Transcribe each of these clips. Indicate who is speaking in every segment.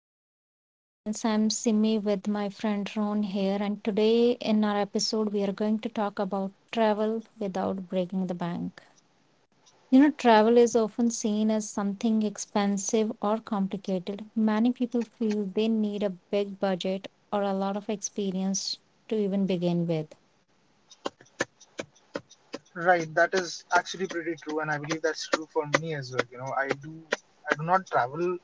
Speaker 1: welcome back to The Balance. I'm Simi with my friend Ron here, and today in our episode, we are going to talk about travel without breaking the bank. You know, travel is often seen as something expensive or complicated. Many people feel they need a big budget or a lot of experience to even begin with.
Speaker 2: Right, that is actually pretty true, and I believe that's true for me as well. You know, I do not travel,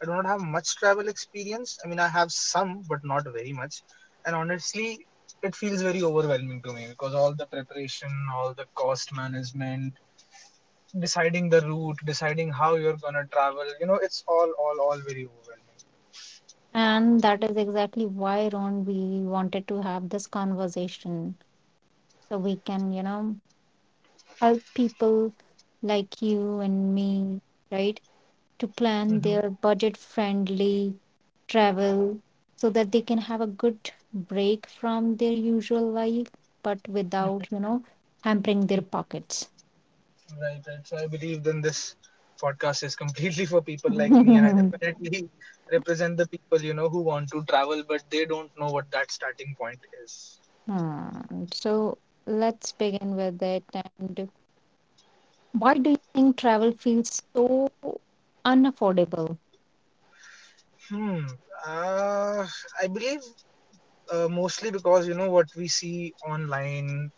Speaker 2: I do not have much travel experience. I mean, I have some, but not very much. And honestly, it feels very overwhelming to me because all the preparation, all the cost management, deciding the route, deciding how you're gonna travel, you know, it's all very overwhelming.
Speaker 1: And that is exactly why, Ron, we wanted to have this conversation so we can, you know, help people like you and me, right, to plan
Speaker 2: Mm-hmm.
Speaker 1: their budget friendly travel so that they can have a good break from their usual life, but without, you know, hampering their pockets.
Speaker 2: Right, right. So I believe then this podcast is completely for people like me, and I definitely represent the people, you know, who want to travel, but they don't know what that starting point is.
Speaker 1: So let's begin with it. And why do you think travel feels so unaffordable?
Speaker 2: Hmm. Uh, I believe mostly because, you know, what we see online,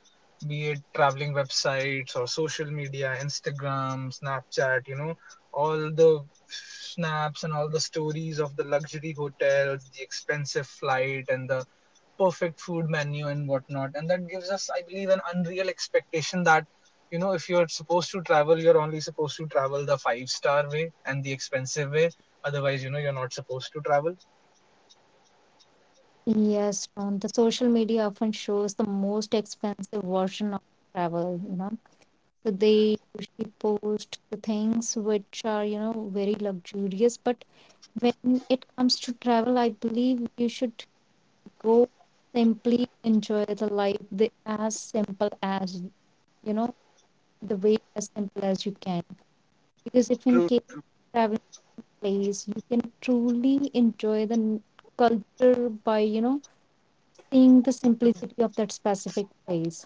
Speaker 2: be it traveling websites or social media, Instagram, Snapchat. You know, all the snaps and all the stories of the luxury hotels, the expensive flight, and the perfect food menu and whatnot. And that gives us, I believe, an unreal expectation that, you know, if you're supposed to travel, you're only supposed to travel the 5 star way and the expensive way. Otherwise, you know, you're not supposed to travel.
Speaker 1: Yes, Ron, the social media often shows the most expensive version of travel, you know. So they usually post the things which are, you know, very luxurious. But when it comes to travel, I believe you should go simply enjoy the life the, as simple as, you know, the way as simple as you can. Because if in
Speaker 2: True.
Speaker 1: case traveling place, you can truly enjoy the culture by, you know, seeing the simplicity of that specific place.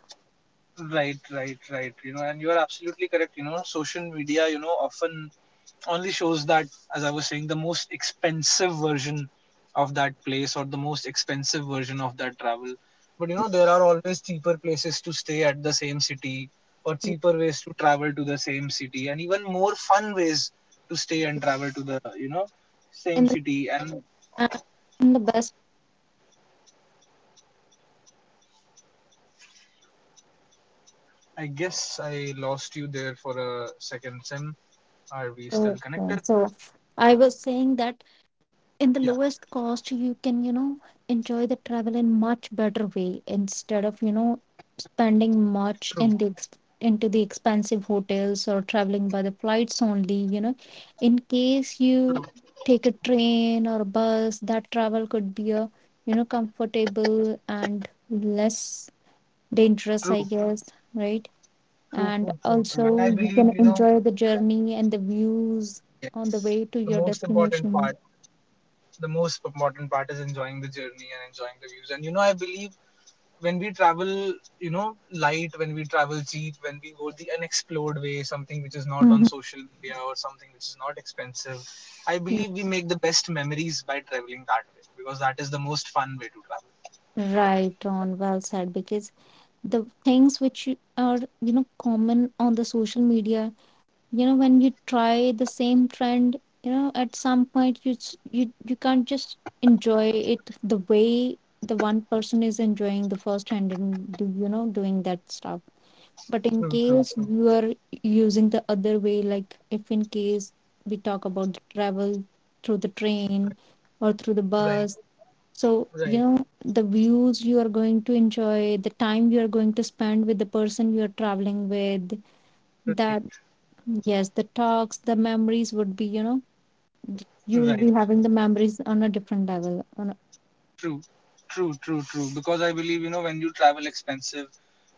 Speaker 2: Right, right, right. You know, and you're absolutely correct. You know, social media, you know, often only shows that, as I was saying, the most expensive version of that place or the most expensive version of that travel. But you know, there are always cheaper places to stay at the same city or cheaper ways to travel to the same city and even more fun ways to stay and travel to the, you know,
Speaker 1: In
Speaker 2: same
Speaker 1: the,
Speaker 2: city. And
Speaker 1: and the best
Speaker 2: I guess I lost you there for a second, Sim. Are we
Speaker 1: way.
Speaker 2: still connected?
Speaker 1: So I was saying that
Speaker 2: Yeah,
Speaker 1: in the lowest cost you can, you know, enjoy the travel in much better way instead of, you know, spending
Speaker 2: true,
Speaker 1: much in the into the expensive hotels or traveling by the flights only, you know, in case you take a train or a bus, that travel could be a, you know, comfortable and less
Speaker 2: true,
Speaker 1: dangerous, I guess, right,
Speaker 2: true, true,
Speaker 1: and
Speaker 2: true, true. And I
Speaker 1: also
Speaker 2: believe,
Speaker 1: you
Speaker 2: you
Speaker 1: can
Speaker 2: know,
Speaker 1: enjoy the journey and the views on
Speaker 2: yes,
Speaker 1: the way
Speaker 2: the
Speaker 1: to your
Speaker 2: most important part
Speaker 1: destination.
Speaker 2: the most important part is enjoying the journey and enjoying the views. And you know, I believe when we travel, you know, light, when we travel cheap, when we go the unexplored way, something which is not on
Speaker 1: Mhm.
Speaker 2: social media or something which is not expensive, I believe we make the best memories by traveling that way because that is the most fun way to travel.
Speaker 1: Right on, well said. Because the things which are, you know, common on the social media, you know, when you try the same trend, you know, at some point you s- you can't just enjoy it the way the one person is enjoying the first trend and do, you know, doing that stuff. But in
Speaker 2: True, true,
Speaker 1: case
Speaker 2: true.
Speaker 1: you are using the other way, like if in case we talk about the travel through the train or through the
Speaker 2: Right,
Speaker 1: bus, so, you
Speaker 2: right,
Speaker 1: know, the views you are going to enjoy, the time you are going to spend with the person you are traveling with, that,
Speaker 2: right,
Speaker 1: yes, the talks, the memories would be, you know, you will be
Speaker 2: right.
Speaker 1: having the memories on a different level. On a,
Speaker 2: True, true, true, true. Because I believe, you know, when you travel expensive,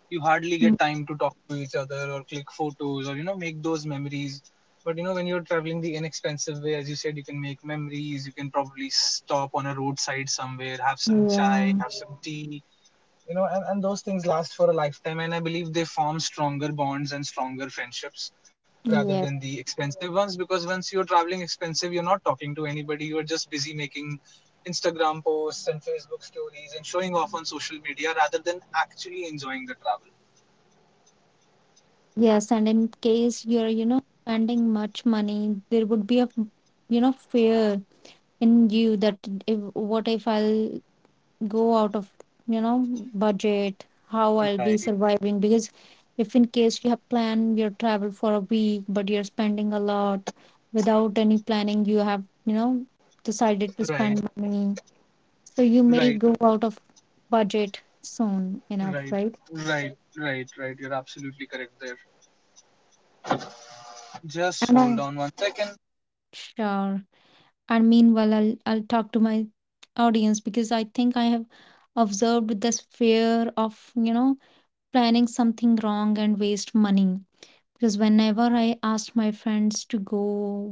Speaker 2: you hardly
Speaker 1: Mm,
Speaker 2: get time to talk to each other or click photos or, you know, make those memories. But you know, when you're traveling the inexpensive way, as you said, you can make memories, you can probably stop on a roadside somewhere, have some chai,
Speaker 1: yeah,
Speaker 2: have some tea, you know. And those things last for a lifetime, and I believe they form stronger bonds and stronger friendships rather
Speaker 1: yeah,
Speaker 2: than the expensive ones, because once you're traveling expensive, you're not talking to anybody, you're just busy making Instagram posts and Facebook stories and showing off on social media rather than actually enjoying the travel.
Speaker 1: yes. And in case you're, you know, spending much money, there would be a, you know, fear in you that if, what if I'll go out of, you know, budget, how I'll be
Speaker 2: Right,
Speaker 1: surviving, because if in case you have planned your travel for a week but you're spending a lot without any planning, you have, you know, decided to
Speaker 2: right,
Speaker 1: spend money, so you may
Speaker 2: right,
Speaker 1: go out of budget soon enough,
Speaker 2: right,
Speaker 1: right?
Speaker 2: right, right, right. You're absolutely correct there. Just
Speaker 1: And I,
Speaker 2: hold on one second.
Speaker 1: sure, and meanwhile I'll talk to my audience, because I think I have observed this fear of, you know, planning something wrong and waste money, because whenever I ask my friends to go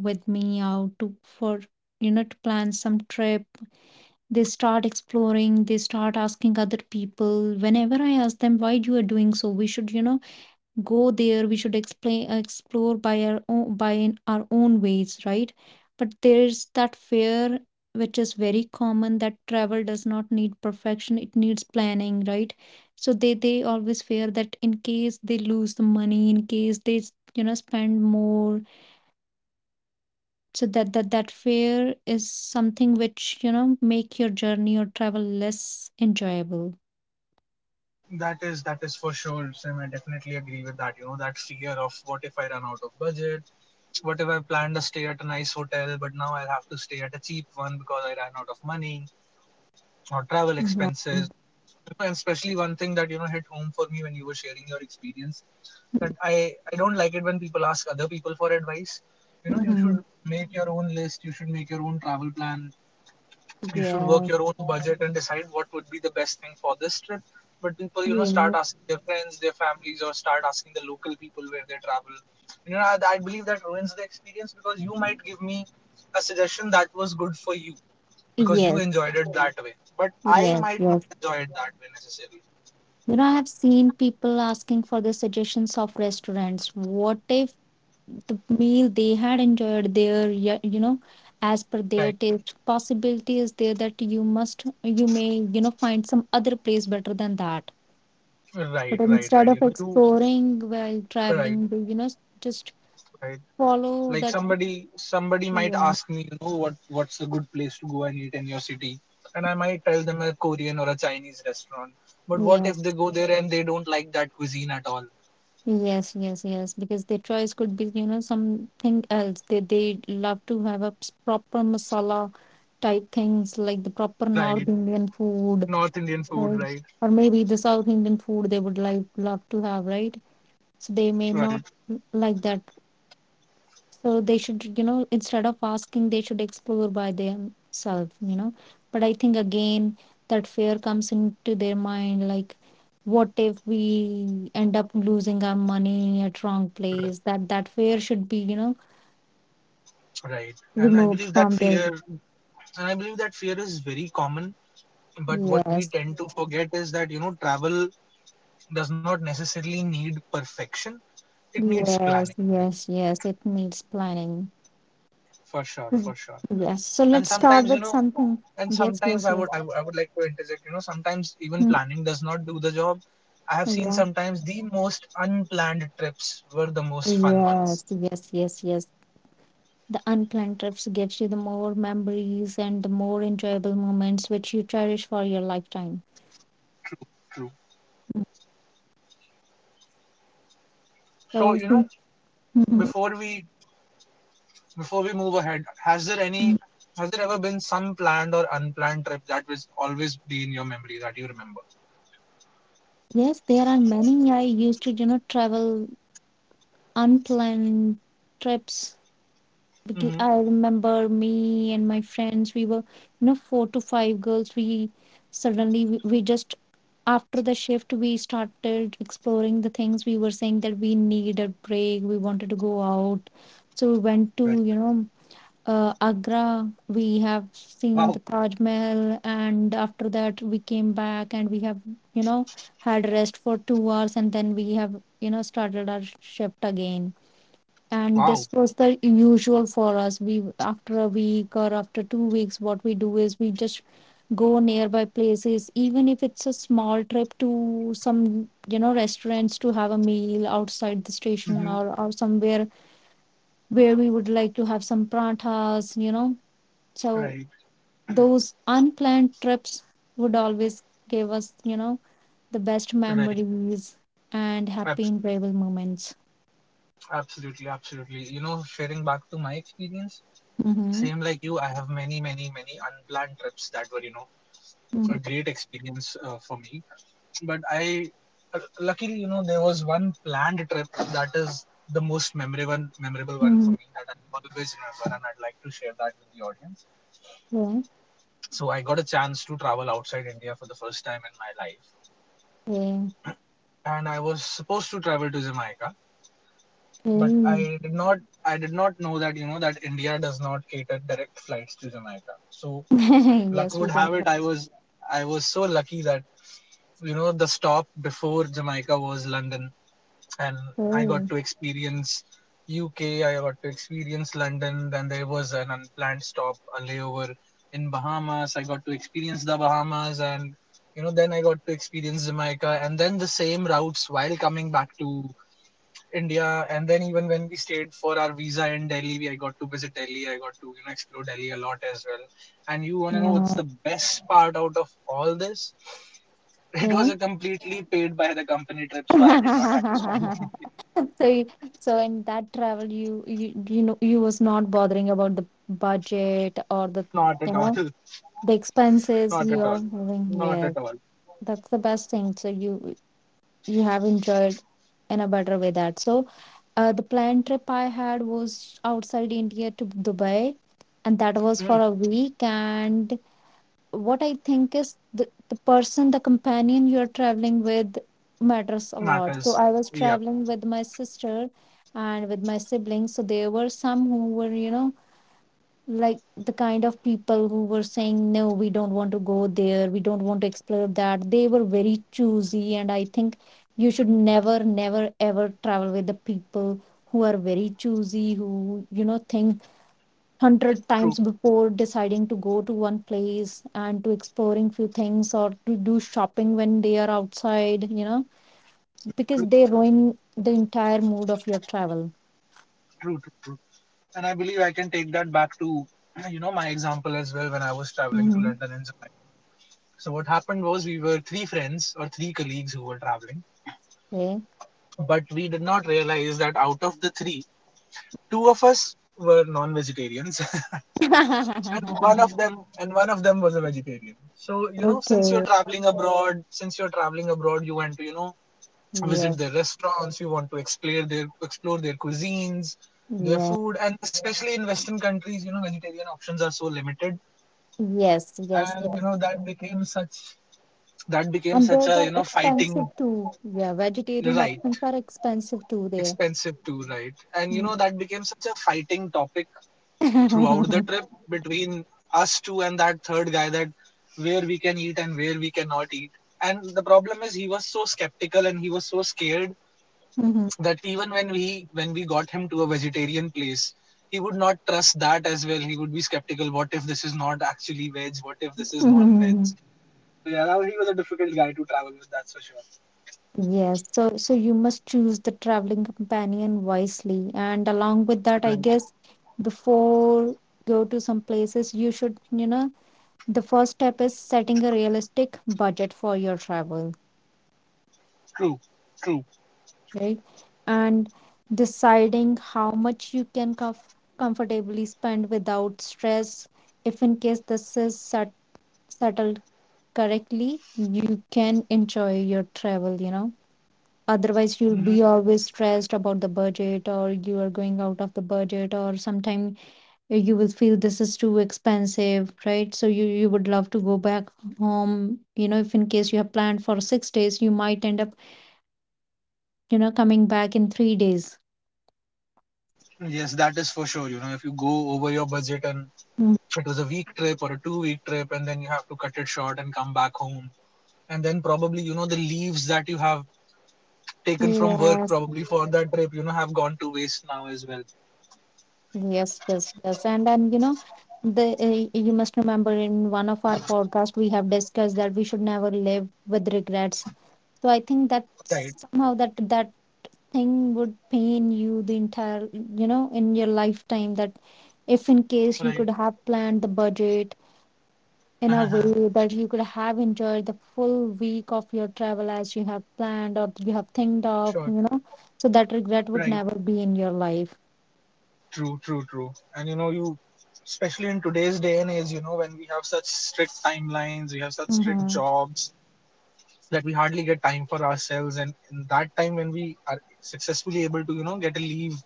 Speaker 1: with me out to for, you know, to plan some trip, they start exploring, they start asking other people. Whenever I ask them why you are doing so, we should, you know, go there, we should explain explore by our own, by in our own ways, right? But there's that fear which is very common, that travel does not need perfection, it needs planning, right? So they always fear that in case they lose the money, in case you know, spend more, so that that fear is something which, you know, make your journey or travel less enjoyable.
Speaker 2: That is, that is for sure, Sim. I definitely agree with that. You know, that fear of, what if I run out of budget? What if I planned to stay at a nice hotel, but now I'll have to stay at a cheap one because I ran out of money or travel
Speaker 1: Right.
Speaker 2: expenses? And especially one thing that, you know, hit home for me when you were sharing your experience, that I don't like it when people ask other people for advice. You know, you
Speaker 1: Hmm.
Speaker 2: should make your own list, you should make your own travel plan, you should work
Speaker 1: Yes,
Speaker 2: your own budget and decide what would be the best thing for this trip. But people, you know,
Speaker 1: yes,
Speaker 2: start asking their friends, their families, or start asking the local people where they travel. You know, I believe that ruins the experience, because you might give me a suggestion that was good for you because you
Speaker 1: yes,
Speaker 2: enjoyed it that way. But I
Speaker 1: yes,
Speaker 2: might not
Speaker 1: yes.
Speaker 2: enjoy it that way necessarily.
Speaker 1: You know, I have seen people asking for the suggestions of restaurants. What if the meal they had enjoyed there? You know, as per their
Speaker 2: Right,
Speaker 1: taste, possibility is there that you must, you may, you know, find some other place better than that. But
Speaker 2: right, right,
Speaker 1: instead
Speaker 2: right. You
Speaker 1: of
Speaker 2: know, you
Speaker 1: exploring while
Speaker 2: right,
Speaker 1: traveling, they, you know, just
Speaker 2: right.
Speaker 1: follow
Speaker 2: Like
Speaker 1: that.
Speaker 2: somebody might
Speaker 1: Yeah.
Speaker 2: ask me, you know, what's a good place to go and eat in your city, and I might tell them a Korean or a Chinese restaurant, but what
Speaker 1: Yes.
Speaker 2: if they go there and they don't like that cuisine at all?
Speaker 1: Yes, yes, yes. Because their choice could be, you know, something else. They love to have a proper masala type things like the proper
Speaker 2: Right.
Speaker 1: North Indian food,
Speaker 2: North Indian food,
Speaker 1: right?
Speaker 2: right?
Speaker 1: Or maybe the South Indian food they would like love to have, right? So they may
Speaker 2: Right.
Speaker 1: not like that. So they should, you know, instead of asking, they should explore by themselves, you know. But I think again that fear comes into their mind, like what if we end up losing our money at wrong
Speaker 2: Right.
Speaker 1: place? That that fear should be, you know,
Speaker 2: Right. And I
Speaker 1: removed
Speaker 2: believe that
Speaker 1: from their.
Speaker 2: fear and I believe that fear is very common, but what we
Speaker 1: Yes.
Speaker 2: tend to forget is that, you know, travel does not necessarily need perfection, it needs
Speaker 1: Yes,
Speaker 2: planning.
Speaker 1: yes, yes, it needs planning.
Speaker 2: For sure, for
Speaker 1: Mm.
Speaker 2: sure.
Speaker 1: Yes. So
Speaker 2: And
Speaker 1: let's start
Speaker 2: sometimes, you
Speaker 1: with
Speaker 2: know,
Speaker 1: something.
Speaker 2: and
Speaker 1: Yes,
Speaker 2: sometimes
Speaker 1: yes,
Speaker 2: I would,
Speaker 1: yes.
Speaker 2: I would i would like to interject, you know. Sometimes even
Speaker 1: Mm.
Speaker 2: planning does not do the job. I have seen
Speaker 1: Yeah.
Speaker 2: sometimes the most unplanned trips were the most fun ones.
Speaker 1: Yes, yes, yes, yes. The unplanned trips gives you the more memories and the more enjoyable moments which you cherish for your lifetime.
Speaker 2: True, true.
Speaker 1: Mm.
Speaker 2: So,
Speaker 1: So
Speaker 2: you know,
Speaker 1: since- Mhm.
Speaker 2: before we before we move ahead,
Speaker 1: Mm.
Speaker 2: has there ever been some planned or unplanned trip that will always be in your memory that you remember?
Speaker 1: Yes, there are many. I used to, you know, travel unplanned trips, because
Speaker 2: Mm-hmm.
Speaker 1: I remember me and my friends, we were, you know, four to five girls. We just after the shift we started exploring the things. We were saying that we need a break, we wanted to go out, so we went
Speaker 2: Right.
Speaker 1: to, you know, Agra, we have seen
Speaker 2: Wow.
Speaker 1: the Taj Mahal, and after that we came back and we have, you know, had rest for 2 hours, and then we have, you know, started our shift again. And
Speaker 2: Wow.
Speaker 1: this was the usual for us. We after a week or after 2 weeks what we do is we just go nearby places, even if it's a small trip to some, you know, restaurants to have a meal outside the station
Speaker 2: Mm-hmm.
Speaker 1: or somewhere where we would like to have some pratas, you know. So
Speaker 2: Right,
Speaker 1: those unplanned trips would always give us, you know, the best
Speaker 2: right.
Speaker 1: memories and happy
Speaker 2: Abs-
Speaker 1: enjoyable moments.
Speaker 2: Absolutely, absolutely. You know, sharing back to my experience,
Speaker 1: Mm-hmm.
Speaker 2: same like you, I have many, many, many unplanned trips that were, you know,
Speaker 1: Mm-hmm.
Speaker 2: a great experience for me. But I, Luckily, you know, there was one planned trip that is the most memorable one for me, that I always remember, and I'd like to share that with the audience.
Speaker 1: Mm-hmm.
Speaker 2: So I got a chance to travel outside India for the first time in my life,
Speaker 1: Yeah.
Speaker 2: and I was supposed to travel to Jamaica,
Speaker 1: Yeah.
Speaker 2: but
Speaker 1: Okay.
Speaker 2: I did not. I did not know that, you know, that India does not cater direct flights to Jamaica. So, luck
Speaker 1: Yes, we
Speaker 2: would
Speaker 1: don't.
Speaker 2: have it, I was so lucky that, you know, the stop before Jamaica was London. And I got
Speaker 1: Okay.
Speaker 2: to experience UK, I got to experience London. Then there was an unplanned stop, a layover in Bahamas. I got to experience the Bahamas, and, you know, then I got to experience Jamaica, and then the same routes while coming back to India. And then even when we stayed for our visa in Delhi, we I got to visit Delhi. I got to, you know, explore Delhi a lot as well. And you wanna know
Speaker 1: No.
Speaker 2: what's the best part out of all this? It
Speaker 1: Okay.
Speaker 2: was a completely paid by the company trip, so I did not have to spend money.
Speaker 1: So, so in that travel, you, you know you was not bothering about the budget or the,
Speaker 2: Not at
Speaker 1: you
Speaker 2: all.
Speaker 1: know, the expenses
Speaker 2: Not at
Speaker 1: you
Speaker 2: all.
Speaker 1: are having.
Speaker 2: Not at
Speaker 1: Yes,
Speaker 2: all.
Speaker 1: that's the best thing. So you have enjoyed in a better way that. So the planned trip I had was outside India to Dubai, and that was for
Speaker 2: Hmm.
Speaker 1: a week. And what I think is the person, the companion you're traveling with matters a lot. So
Speaker 2: Matters.
Speaker 1: I was
Speaker 2: Yeah.
Speaker 1: traveling with my sister and with my siblings. So there were some who were, you know, like the kind of people who were saying, no, we don't want to go there. We don't want to explore that. They were very choosy. And I think you should never, never, ever travel with the people who are very choosy, who, you know, think hundred times
Speaker 2: True.
Speaker 1: before deciding to go to one place and to exploring few things or to do shopping when they are outside, you know, because
Speaker 2: True.
Speaker 1: they ruin the entire mood of your travel.
Speaker 2: True. True. True. And I believe I can take that back to you know, my example as well, when I was traveling to
Speaker 1: Mm-hmm.
Speaker 2: London and Jamaica. So what happened was, we were three friends or three colleagues who were traveling,
Speaker 1: Okay.
Speaker 2: but we did not realize that out of the three, two of us were non-vegetarians, and one of them and one of them was a vegetarian. So you know, since you're
Speaker 1: Okay.
Speaker 2: traveling abroad, since you're traveling abroad, you want to, you know, visit
Speaker 1: Yes.
Speaker 2: their restaurants, you want to explore their cuisines, their
Speaker 1: Yeah.
Speaker 2: food, and especially in Western countries, you know, vegetarian options are so limited,
Speaker 1: Yes. Yes.
Speaker 2: and
Speaker 1: Yeah.
Speaker 2: you know, that became such that became
Speaker 1: And
Speaker 2: such
Speaker 1: those
Speaker 2: a, you
Speaker 1: are
Speaker 2: know, fighting.
Speaker 1: expensive too, yeah, vegetarian
Speaker 2: Right.
Speaker 1: options are expensive too there.
Speaker 2: Expensive too, right? And you
Speaker 1: Mm.
Speaker 2: know, that became such a fighting topic throughout the trip between us two and that third guy, that where we can eat and where we cannot eat. And the problem is, he was so skeptical and he was so scared that even when we got him to a vegetarian place, he would not trust that as well. He would be skeptical. What if this is not actually veg? What if this is non-veg?
Speaker 1: Mhm.
Speaker 2: So yeah, he was a difficult guy to travel with. That's for sure.
Speaker 1: Yes, so so you must choose the traveling companion wisely. And along with
Speaker 2: Right.
Speaker 1: that, I guess before go to some places, you should, you know, the first step is setting a realistic budget for your travel,
Speaker 2: True. True.
Speaker 1: right? And deciding how much you can comfortably spend without stress. If in case this is settled correctly, you can enjoy your travel, you know. Otherwise you'll
Speaker 2: Mhm.
Speaker 1: be always stressed about the budget or you are going out of the budget, or sometime you will feel this is too expensive, right? So you would love to go back home, you know, if in case you have planned for 6 days, you might end up, you know, coming back in 3 days.
Speaker 2: Yes, that is for sure. You know, if you go over your budget and
Speaker 1: Mm.
Speaker 2: it was a week trip or a 2 week trip, and then you have to cut it short and come back home. And then probably, you know, the leaves that you have taken from work
Speaker 1: Yes,
Speaker 2: probably for that trip, you know, have gone to waste now as well.
Speaker 1: yes, yes, yes. And then, you know, the you must remember in one of our podcast we have discussed that we should never live with regrets. So I think that
Speaker 2: Right,
Speaker 1: somehow that thing would pain you the entire, you know, in your lifetime, that if in case you
Speaker 2: right.
Speaker 1: could have planned the budget in a
Speaker 2: Uh-huh.
Speaker 1: way that you could have enjoyed the full week of your travel as you have planned or you have thinked of,
Speaker 2: Sure,
Speaker 1: you know, so that regret would
Speaker 2: right.
Speaker 1: never be in your life.
Speaker 2: True, true, true. And, you know, you, especially in today's day and age, you know, when we have such strict timelines, we have such strict
Speaker 1: Mm-hmm.
Speaker 2: jobs that we hardly get time for ourselves. And in that time, when we are successfully able to, you know, get a leave.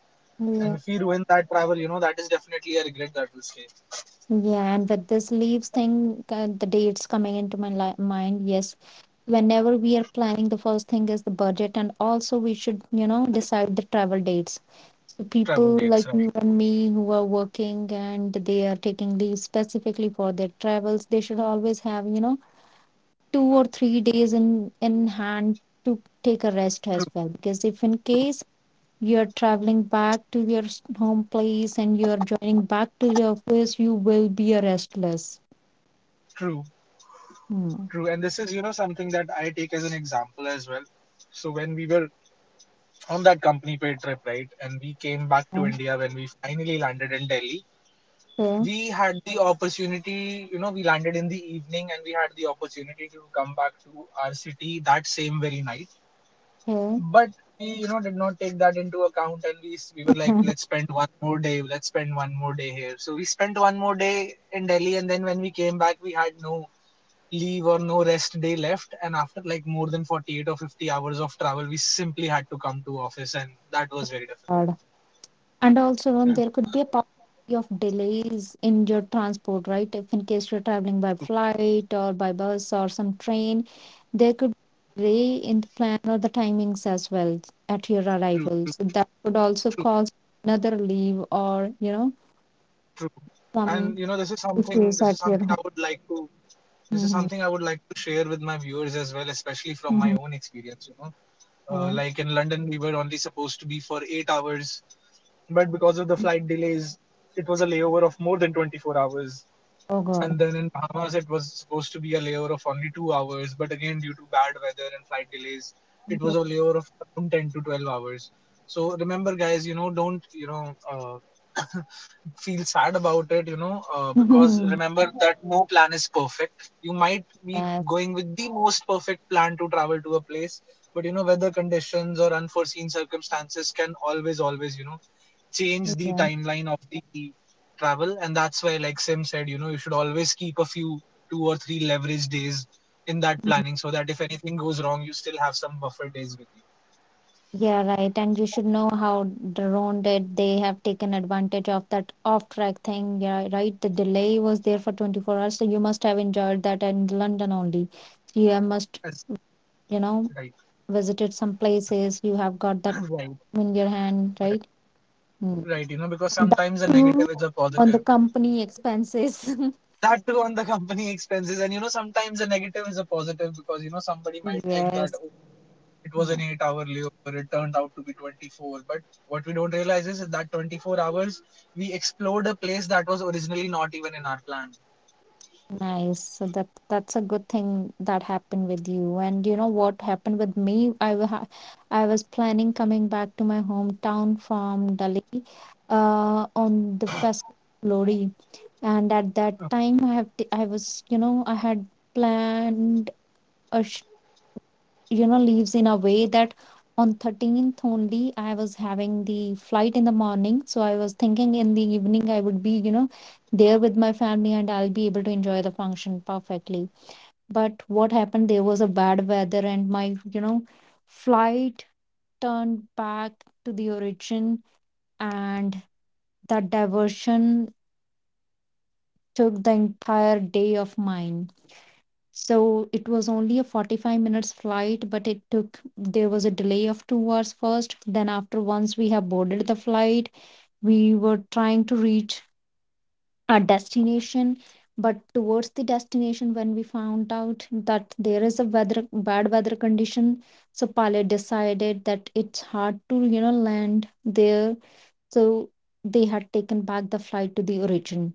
Speaker 2: And
Speaker 1: Yeah.
Speaker 2: if we ruin that travel, you know, that is definitely a regret that will stay.
Speaker 1: Yeah, and with this leaves thing, the dates coming into my li mind, yes, whenever we are planning, the first thing is the budget, and also we should, you know, decide the travel dates. So
Speaker 2: Travel
Speaker 1: people
Speaker 2: dates,
Speaker 1: like you
Speaker 2: right?
Speaker 1: and me who are working and they are taking leave specifically for their travels, they should always have, you know, 2 or 3 days in hand to take a rest as well. Because if in case you're traveling back to your home place and you're joining back to your office, you will be a restless.
Speaker 2: True,
Speaker 1: Hmm.
Speaker 2: true. And this is, you know, something that I take as an example as well. So when we were on that company paid trip, right, and we came back to India, when we finally landed in Delhi,
Speaker 1: Okay.
Speaker 2: we had the opportunity, you know, we landed in the evening and we had the opportunity to come back to our city that same very night,
Speaker 1: Okay.
Speaker 2: but we did not take that into account and we were like, let's spend one more day, let's spend one more day here. So we spent one more day in Delhi, and then when we came back we had no leave or no rest day left, and after like more than 48 or 50 hours of travel we simply had to come to office and that was very difficult.
Speaker 1: And also, there could be a possibility of delays in your transport, right? If in case you're traveling by flight or by bus or some train, there could be delay in the plan or the timings as well at your
Speaker 2: True,
Speaker 1: arrival.
Speaker 2: true,
Speaker 1: So that could also cause another leave or, you know,
Speaker 2: true. And
Speaker 1: some
Speaker 2: you know,
Speaker 1: issues
Speaker 2: this
Speaker 1: at
Speaker 2: is
Speaker 1: your
Speaker 2: something I
Speaker 1: home.
Speaker 2: would like to this is
Speaker 1: Mm-hmm.
Speaker 2: something I would like to share with my viewers as well, especially from my
Speaker 1: Mm-hmm.
Speaker 2: own experience.
Speaker 1: Yeah.
Speaker 2: Like in London, we were only supposed to be for 8 hours, but because of the flight delays, it was a layover of more than 24 hours.
Speaker 1: Oh
Speaker 2: And
Speaker 1: God.
Speaker 2: then in Bahamas, it was supposed to be a layover of only 2 hours, but again, due to bad weather and flight delays, it
Speaker 1: Yeah.
Speaker 2: was a layover of from 10 to 12 hours. So remember, guys, you know, don't, you know, feel sad about it, because remember that no plan is perfect. You might be
Speaker 1: Yes.
Speaker 2: going with the most perfect plan to travel to a place, but you know, weather conditions or unforeseen circumstances can always, always, you know, change the
Speaker 1: Yeah.
Speaker 2: timeline of the travel. And that's why, like Sim said, you know, you should always keep a few two or three leverage days in that
Speaker 1: Mm-hmm.
Speaker 2: planning, so that if anything goes wrong you still have some buffer days with you.
Speaker 1: Yeah, right. And you should know how Drone did. They have taken advantage of that off track thing. Yeah, right. The delay was there for 24 hours. So you must have enjoyed that in London only. So you have must,
Speaker 2: That's
Speaker 1: you know,
Speaker 2: right.
Speaker 1: visited some places. You have got that
Speaker 2: Right,
Speaker 1: in your hand,
Speaker 2: right,
Speaker 1: right? Mm.
Speaker 2: right. You know, because
Speaker 1: And that
Speaker 2: sometimes a
Speaker 1: too
Speaker 2: negative is a
Speaker 1: on the
Speaker 2: positive.
Speaker 1: company expenses.
Speaker 2: That too on the company expenses. And you know, sometimes a negative is a positive, because you know, somebody might think that,
Speaker 1: Yes.
Speaker 2: oh, it was an 8-hour layover, it turned out to be 24, but what we don't realize is that 24 hours we explored a place that was originally not even in our plan.
Speaker 1: Nice. So that that's a good thing that happened with you. And you know what happened with me? I was planning coming back to my hometown from Delhi, on the festival of Lori. And at that time, I was, you know, I had planned a sh- you know, leaves in a way that on 13th only I was having the flight in the morning. So I was thinking in the evening I would be, you know, there with my family and I'll be able to enjoy the function perfectly. But what happened, there was a bad weather and my, you know, flight turned back to the origin, and that diversion took the entire day of mine. So it was only a 45 minutes flight, but it took, there was a delay of 2 hours first. Then after, once we have boarded the flight, we were trying to reach our destination, but towards the destination when we found out that there is a weather, bad weather condition, so pilot decided that it's hard to, you know, land there. So they had taken back the flight to the origin.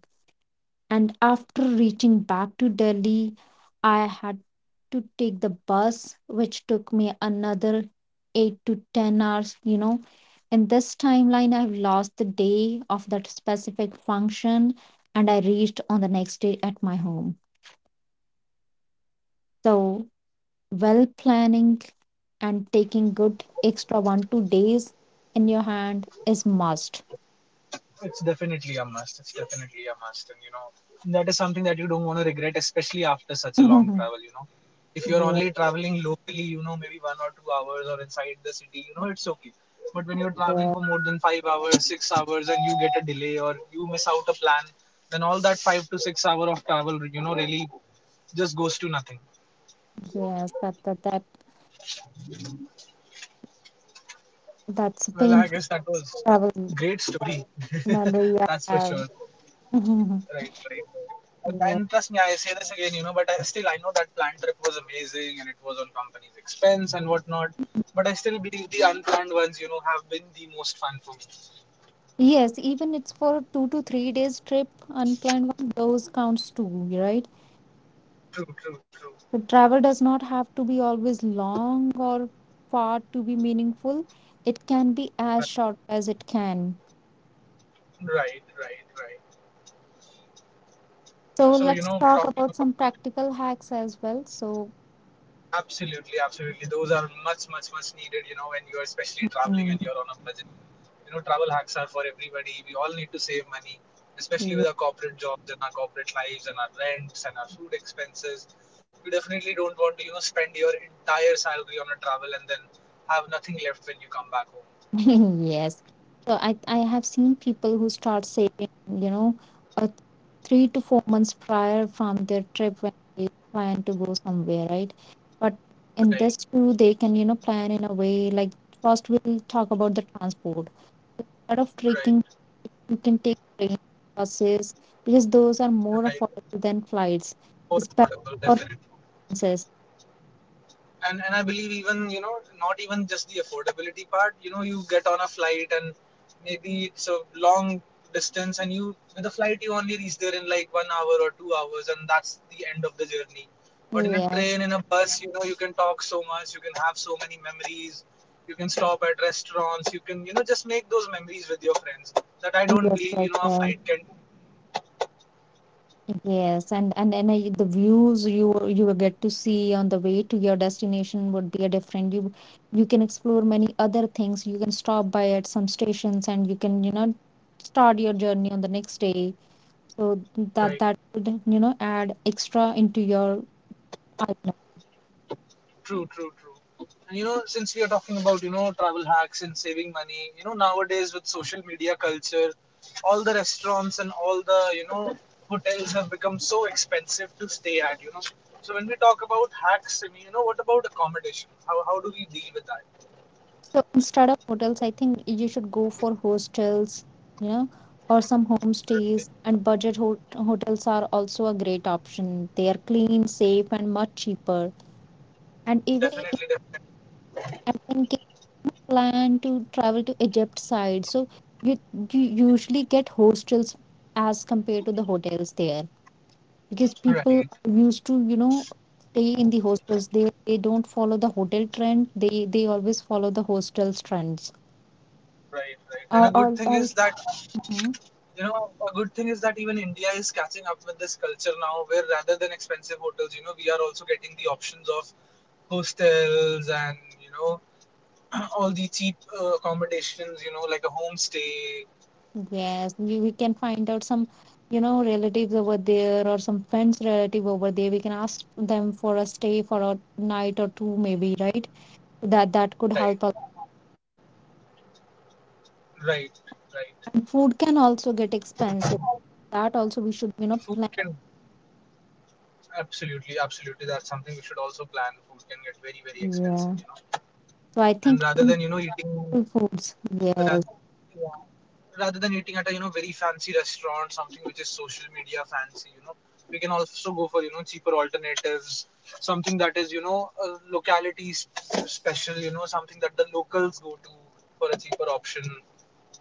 Speaker 1: And after reaching back to Delhi, I had to take the bus, which took me another 8 to 10 hours, you know. In this timeline, I've lost the day of that specific function and I reached on the next day at my home. So, well planning and taking good extra one, 2 days in your hand is must.
Speaker 2: It's definitely a must. It's definitely a must. And you know, that is something that you don't want to regret, especially after such a long
Speaker 1: Yeah,
Speaker 2: travel, you know. If you're
Speaker 1: yeah,
Speaker 2: only traveling locally, you know, maybe 1 or 2 hours or inside the city, you know, it's okay. But when you're traveling for more than 5 hours, 6 hours, and you get a delay or you miss out a plan, then all that 5 to 6 hour of travel, you know, really just goes to nothing.
Speaker 1: yes, that, that, that, that's a
Speaker 2: Well, I
Speaker 1: painful
Speaker 2: guess that was
Speaker 1: travel.
Speaker 2: great story.
Speaker 1: Remember, you
Speaker 2: That's for
Speaker 1: have.
Speaker 2: sure. Right, right. And,
Speaker 1: Yes.
Speaker 2: and trust me, I say this again, you know, but I know that planned trip was amazing and it was on company's expense and whatnot. But I still believe the unplanned ones, you know, have been the most fun for me.
Speaker 1: Yes, even it's for 2 to 3 days trip, unplanned one, those counts too, right?
Speaker 2: True, true, true.
Speaker 1: The travel does not have to be always long or far to be meaningful. It can be
Speaker 2: Right,
Speaker 1: as short as it can.
Speaker 2: right, right, right.
Speaker 1: So
Speaker 2: So you
Speaker 1: let's
Speaker 2: know,
Speaker 1: talk
Speaker 2: talking
Speaker 1: about
Speaker 2: about
Speaker 1: some practical hacks as well. So,
Speaker 2: absolutely, absolutely. Those are much, much, much needed, you know, when you're especially traveling and
Speaker 1: mm,
Speaker 2: you're on a budget. You know, travel hacks are for everybody. We all need to save money, especially with our corporate jobs and our corporate lives and our rents and our food expenses. You definitely don't want to, you know, spend your entire salary on a travel and then have nothing left when you come back home.
Speaker 1: yes. So I have seen people who start saving, you know, uh, 3 to 4 months prior from their trip when they plan to go somewhere, right? But in this
Speaker 2: Right,
Speaker 1: too, they can, you know, plan in a way like first we'll talk about the transport. Instead of trekking,
Speaker 2: right,
Speaker 1: you can take trains, buses, because those are more
Speaker 2: right.
Speaker 1: affordable than flights,
Speaker 2: Affordable,
Speaker 1: especially for
Speaker 2: definitely.
Speaker 1: princess.
Speaker 2: And I believe even, you know, not even just the affordability part. You know, you get on a flight and maybe it's a long distance, and you, with a flight you only reach there in like 1 hour or 2 hours, and that's the end of the journey. But in a
Speaker 1: Yes.
Speaker 2: train, in a bus, you know, you can talk so much, you can have so many memories, you can stop at restaurants, you can, you know, just make those memories with your friends. That I
Speaker 1: Yes,
Speaker 2: don't believe,
Speaker 1: yes,
Speaker 2: you know, a
Speaker 1: yes.
Speaker 2: flight can.
Speaker 1: Yes, and I, the views you will get to see on the way to your destination would be a different. You can explore many other things. You can stop by at some stations, and you can, you know, start your journey on the next day. So that
Speaker 2: Right.
Speaker 1: that would, you know, add extra into your itinerary.
Speaker 2: True, true, true. And you know, since we are talking about, you know, travel hacks and saving money, you know, nowadays with social media culture, all the restaurants and all the, you know, hotels have become so expensive to stay at, you know. So when we talk about hacks, I mean, you know, what about accommodation? How do we deal with that?
Speaker 1: So instead of hotels, I think you should go for hostels, you know, or some
Speaker 2: Right.
Speaker 1: homestays. And budget hotels are also a great option. They are clean, safe, and much cheaper, and even.
Speaker 2: Definitely, definitely.
Speaker 1: And in case you plan to travel to Egypt side, so you you usually get hostels as compared to the hotels there, because people
Speaker 2: Right,
Speaker 1: are used to, you know, stay in the hostels. They don't follow the hotel trend. They always follow the hostels trends.
Speaker 2: right, right. And a good
Speaker 1: Or
Speaker 2: thing is
Speaker 1: else,
Speaker 2: that
Speaker 1: mhm.
Speaker 2: Even India is catching up with this culture now, where rather than expensive hotels, you know, we are also getting the options of hostels and, you know, all the cheap accommodations, you know, like a homestay.
Speaker 1: Yes, we can find out some, you know, relatives over there or some friends relative over there. We can ask them for a stay for a night or two maybe, right? That that could
Speaker 2: Right,
Speaker 1: help.
Speaker 2: right, right.
Speaker 1: And food can also get expensive. That also we should, you
Speaker 2: Food
Speaker 1: know,
Speaker 2: can,
Speaker 1: plan.
Speaker 2: absolutely, absolutely. That's something we should also plan. Food can get very, very expensive, you
Speaker 1: Yeah.
Speaker 2: know.
Speaker 1: So I
Speaker 2: And rather
Speaker 1: think
Speaker 2: than, you know,
Speaker 1: eatable
Speaker 2: eating
Speaker 1: foods.
Speaker 2: rather
Speaker 1: Yes,
Speaker 2: yeah. rather than eating at a, you know, very fancy restaurant, something which is social media fancy, you know, we can also go for, you know, cheaper alternatives, something that is, you know, locality special, you know, something that the locals go to for a cheaper option,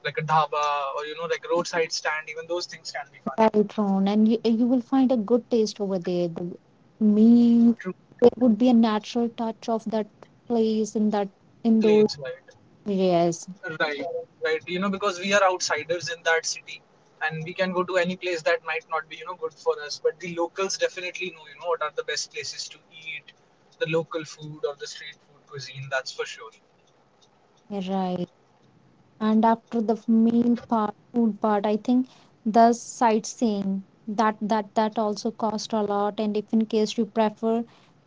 Speaker 2: like a dhaba or, you know, like roadside stand. Even those things can be fun.
Speaker 1: right, Ron. And you will find a good taste over there. The meal, there would be a natural touch of that place in that, in those.
Speaker 2: Place right.
Speaker 1: Yes,
Speaker 2: Right, right. You know, because we are outsiders in that city and we can go to any place that might not be, you know, good for us. But the locals definitely know, you know, what are the best places to eat, the local food or the street food cuisine, that's for sure.
Speaker 1: you're right. And after the meal part, food part, I think the sightseeing, that that also cost a lot. And if in case you prefer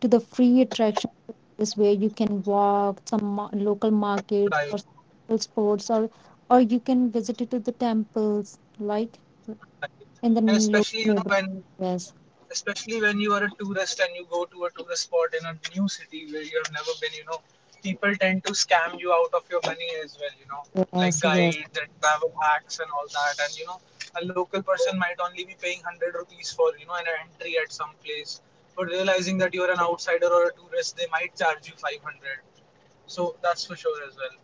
Speaker 1: to the free attraction places where you can walk some local markets or
Speaker 2: Right,
Speaker 1: some local sports, or you can visit it to the temples like
Speaker 2: right.
Speaker 1: in the
Speaker 2: And
Speaker 1: local
Speaker 2: especially, you know,
Speaker 1: neighborhood.
Speaker 2: when
Speaker 1: Yes,
Speaker 2: Especially when you are a tourist and you go to a tourist spot in a new city where you have never been, you know, people tend to scam you out of your money as well, you know, like
Speaker 1: yes, yes.
Speaker 2: guides and travel hacks and all that, and you know, a local person might only be paying 100 rupees for, you know, an entry at some place, but realizing that you're an outsider or a tourist, they might charge you 500. So that's for sure as well.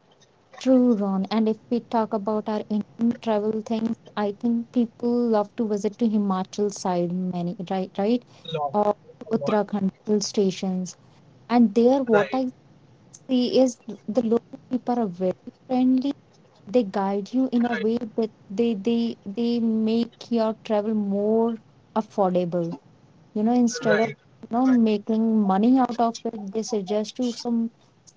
Speaker 1: True, Ron. And if we talk about our Indian travel things, I think people love to visit to Himachal side many, right, right?
Speaker 2: Lot,
Speaker 1: Or
Speaker 2: a lot,
Speaker 1: Uttarakhand hill stations. And there, what
Speaker 2: right,
Speaker 1: I see is the local people are very friendly. They guide you in a way
Speaker 2: right,
Speaker 1: that they make your travel more affordable, you know, instead of,
Speaker 2: right,
Speaker 1: you know,
Speaker 2: right.
Speaker 1: making money out of it, they suggest you some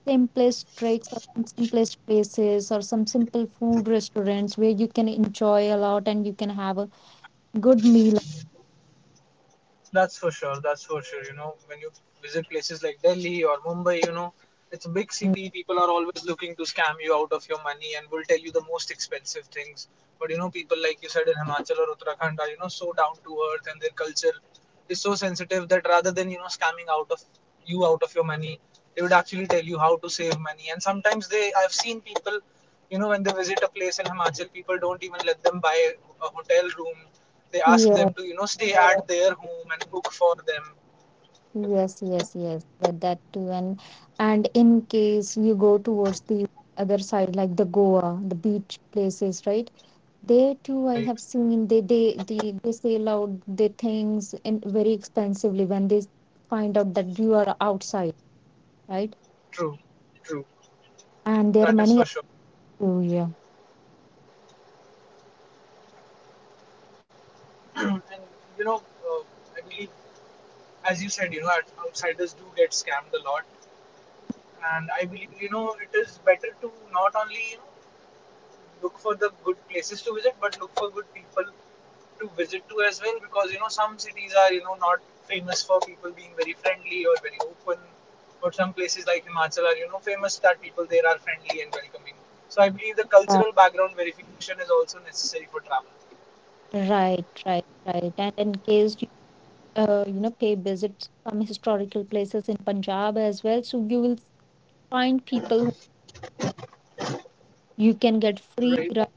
Speaker 1: simplest tricks or some simplest places or some simple food restaurants where you can enjoy a lot and you can have a good meal.
Speaker 2: That's for sure. That's for sure. You know, when you visit places like Delhi or Mumbai, you know, it's a big city. People are always looking to scam you out of your money and will tell you the most expensive things. But you know, people like you said in Himachal or Uttarakhand are, you know, so down to earth, and their culture is so sensitive that rather than, you know, scamming out of you out of your money, they would actually tell you how to save money. And sometimes, they I've seen people, you know, when they visit a place in Himachal, people don't even let them buy a hotel room, they ask
Speaker 1: Yeah,
Speaker 2: them to, you know, stay at their home and cook for them.
Speaker 1: yes, yes, yes, that that too. And in case you go towards the other side like the Goa, the beach places, right? There too, I
Speaker 2: Right,
Speaker 1: have seen they sell out their things in very expensively when they find out that you are outside, right?
Speaker 2: true, true.
Speaker 1: And there are
Speaker 2: That is
Speaker 1: many.
Speaker 2: for sure.
Speaker 1: Oh yeah.
Speaker 2: And you know, uh, I believe, as you said, you know, outsiders do get scammed a lot, and I believe, you know, it is better to not only, you know, look for the good places to visit, but look for good people to visit to as well. Because you know, some cities are, you know, not famous for people being very friendly or very open, but some places like Himachal are, you know, famous that people there are friendly and welcoming. So I believe the
Speaker 1: Right,
Speaker 2: cultural background verification is also necessary for travel.
Speaker 1: right, right, right. And in case you, you know, pay visits some historical places in Punjab as well, so you will find people who you can get free
Speaker 2: Right.
Speaker 1: ride.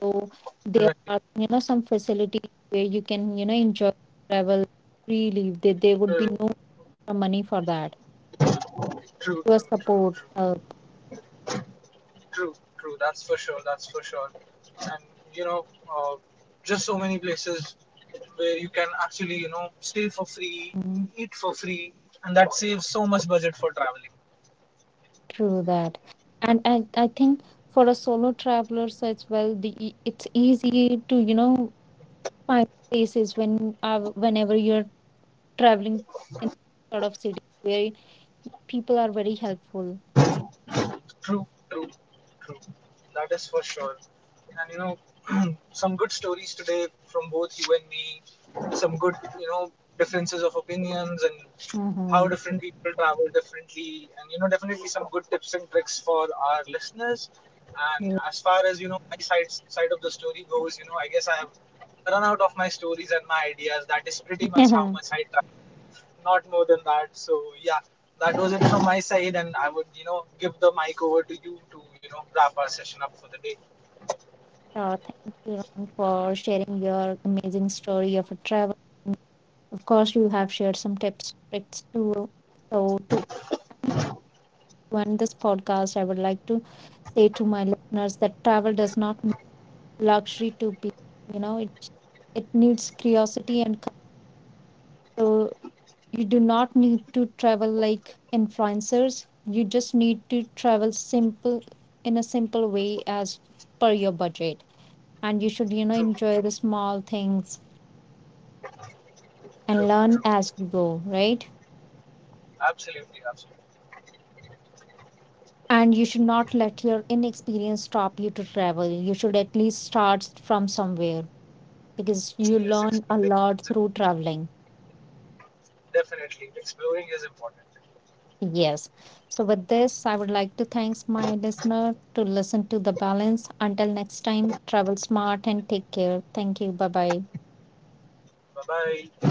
Speaker 1: So there
Speaker 2: Right.
Speaker 1: are, you know, some facilities where you can, you know, enjoy travel freely. There would be
Speaker 2: Right.
Speaker 1: no money for that.
Speaker 2: True. True.
Speaker 1: Your
Speaker 2: True.
Speaker 1: support
Speaker 2: True.
Speaker 1: help,
Speaker 2: True, true. That's for sure. That's for sure. And you know, uh, just so many places where you can actually, you know, stay for free,
Speaker 1: mm,
Speaker 2: eat for free, and that saves so much budget for traveling.
Speaker 1: through that. And I think for a solo travelers as well, the it's easy to, you know, find places when, whenever you're traveling in sort of city where people are very helpful.
Speaker 2: True, true, true. That is for sure. And you know, some good stories today from both you and me. Some good, you know, differences of opinions and how
Speaker 1: Mm-hmm.
Speaker 2: different people travel differently. And you know, definitely some good tips and tricks for our listeners. And
Speaker 1: Yeah.
Speaker 2: as far as you know, my side of the story goes, you know, I guess I have run out of my stories and my ideas. That is pretty much how much I, not more than that. So yeah, that was it from my side, and I would, you know, give the mic over to you to, you know, wrap our session up for the day.
Speaker 1: So thank you, Ron, for sharing your amazing story of a travel. Of course, you have shared some tips, tricks too. So to end this podcast, I would like to say to my listeners that travel does not need luxury to be, you know, it needs curiosity and courage. So you do not need to travel like influencers. You just need to travel simple, in a simple way as per your budget. And you should, you know,
Speaker 2: True,
Speaker 1: enjoy the small things
Speaker 2: true,
Speaker 1: and
Speaker 2: true.
Speaker 1: learn as you go, right?
Speaker 2: Absolutely, absolutely.
Speaker 1: And you should not let your inexperience stop you to travel. You should at least start from somewhere, because you
Speaker 2: Yes,
Speaker 1: learn a
Speaker 2: exploring,
Speaker 1: lot through traveling.
Speaker 2: definitely exploring is important.
Speaker 1: Yes. So with this, I would like to thanks my listener to listen to the balance. Until next time, travel smart and take care. Thank you. Bye bye.
Speaker 2: Bye bye.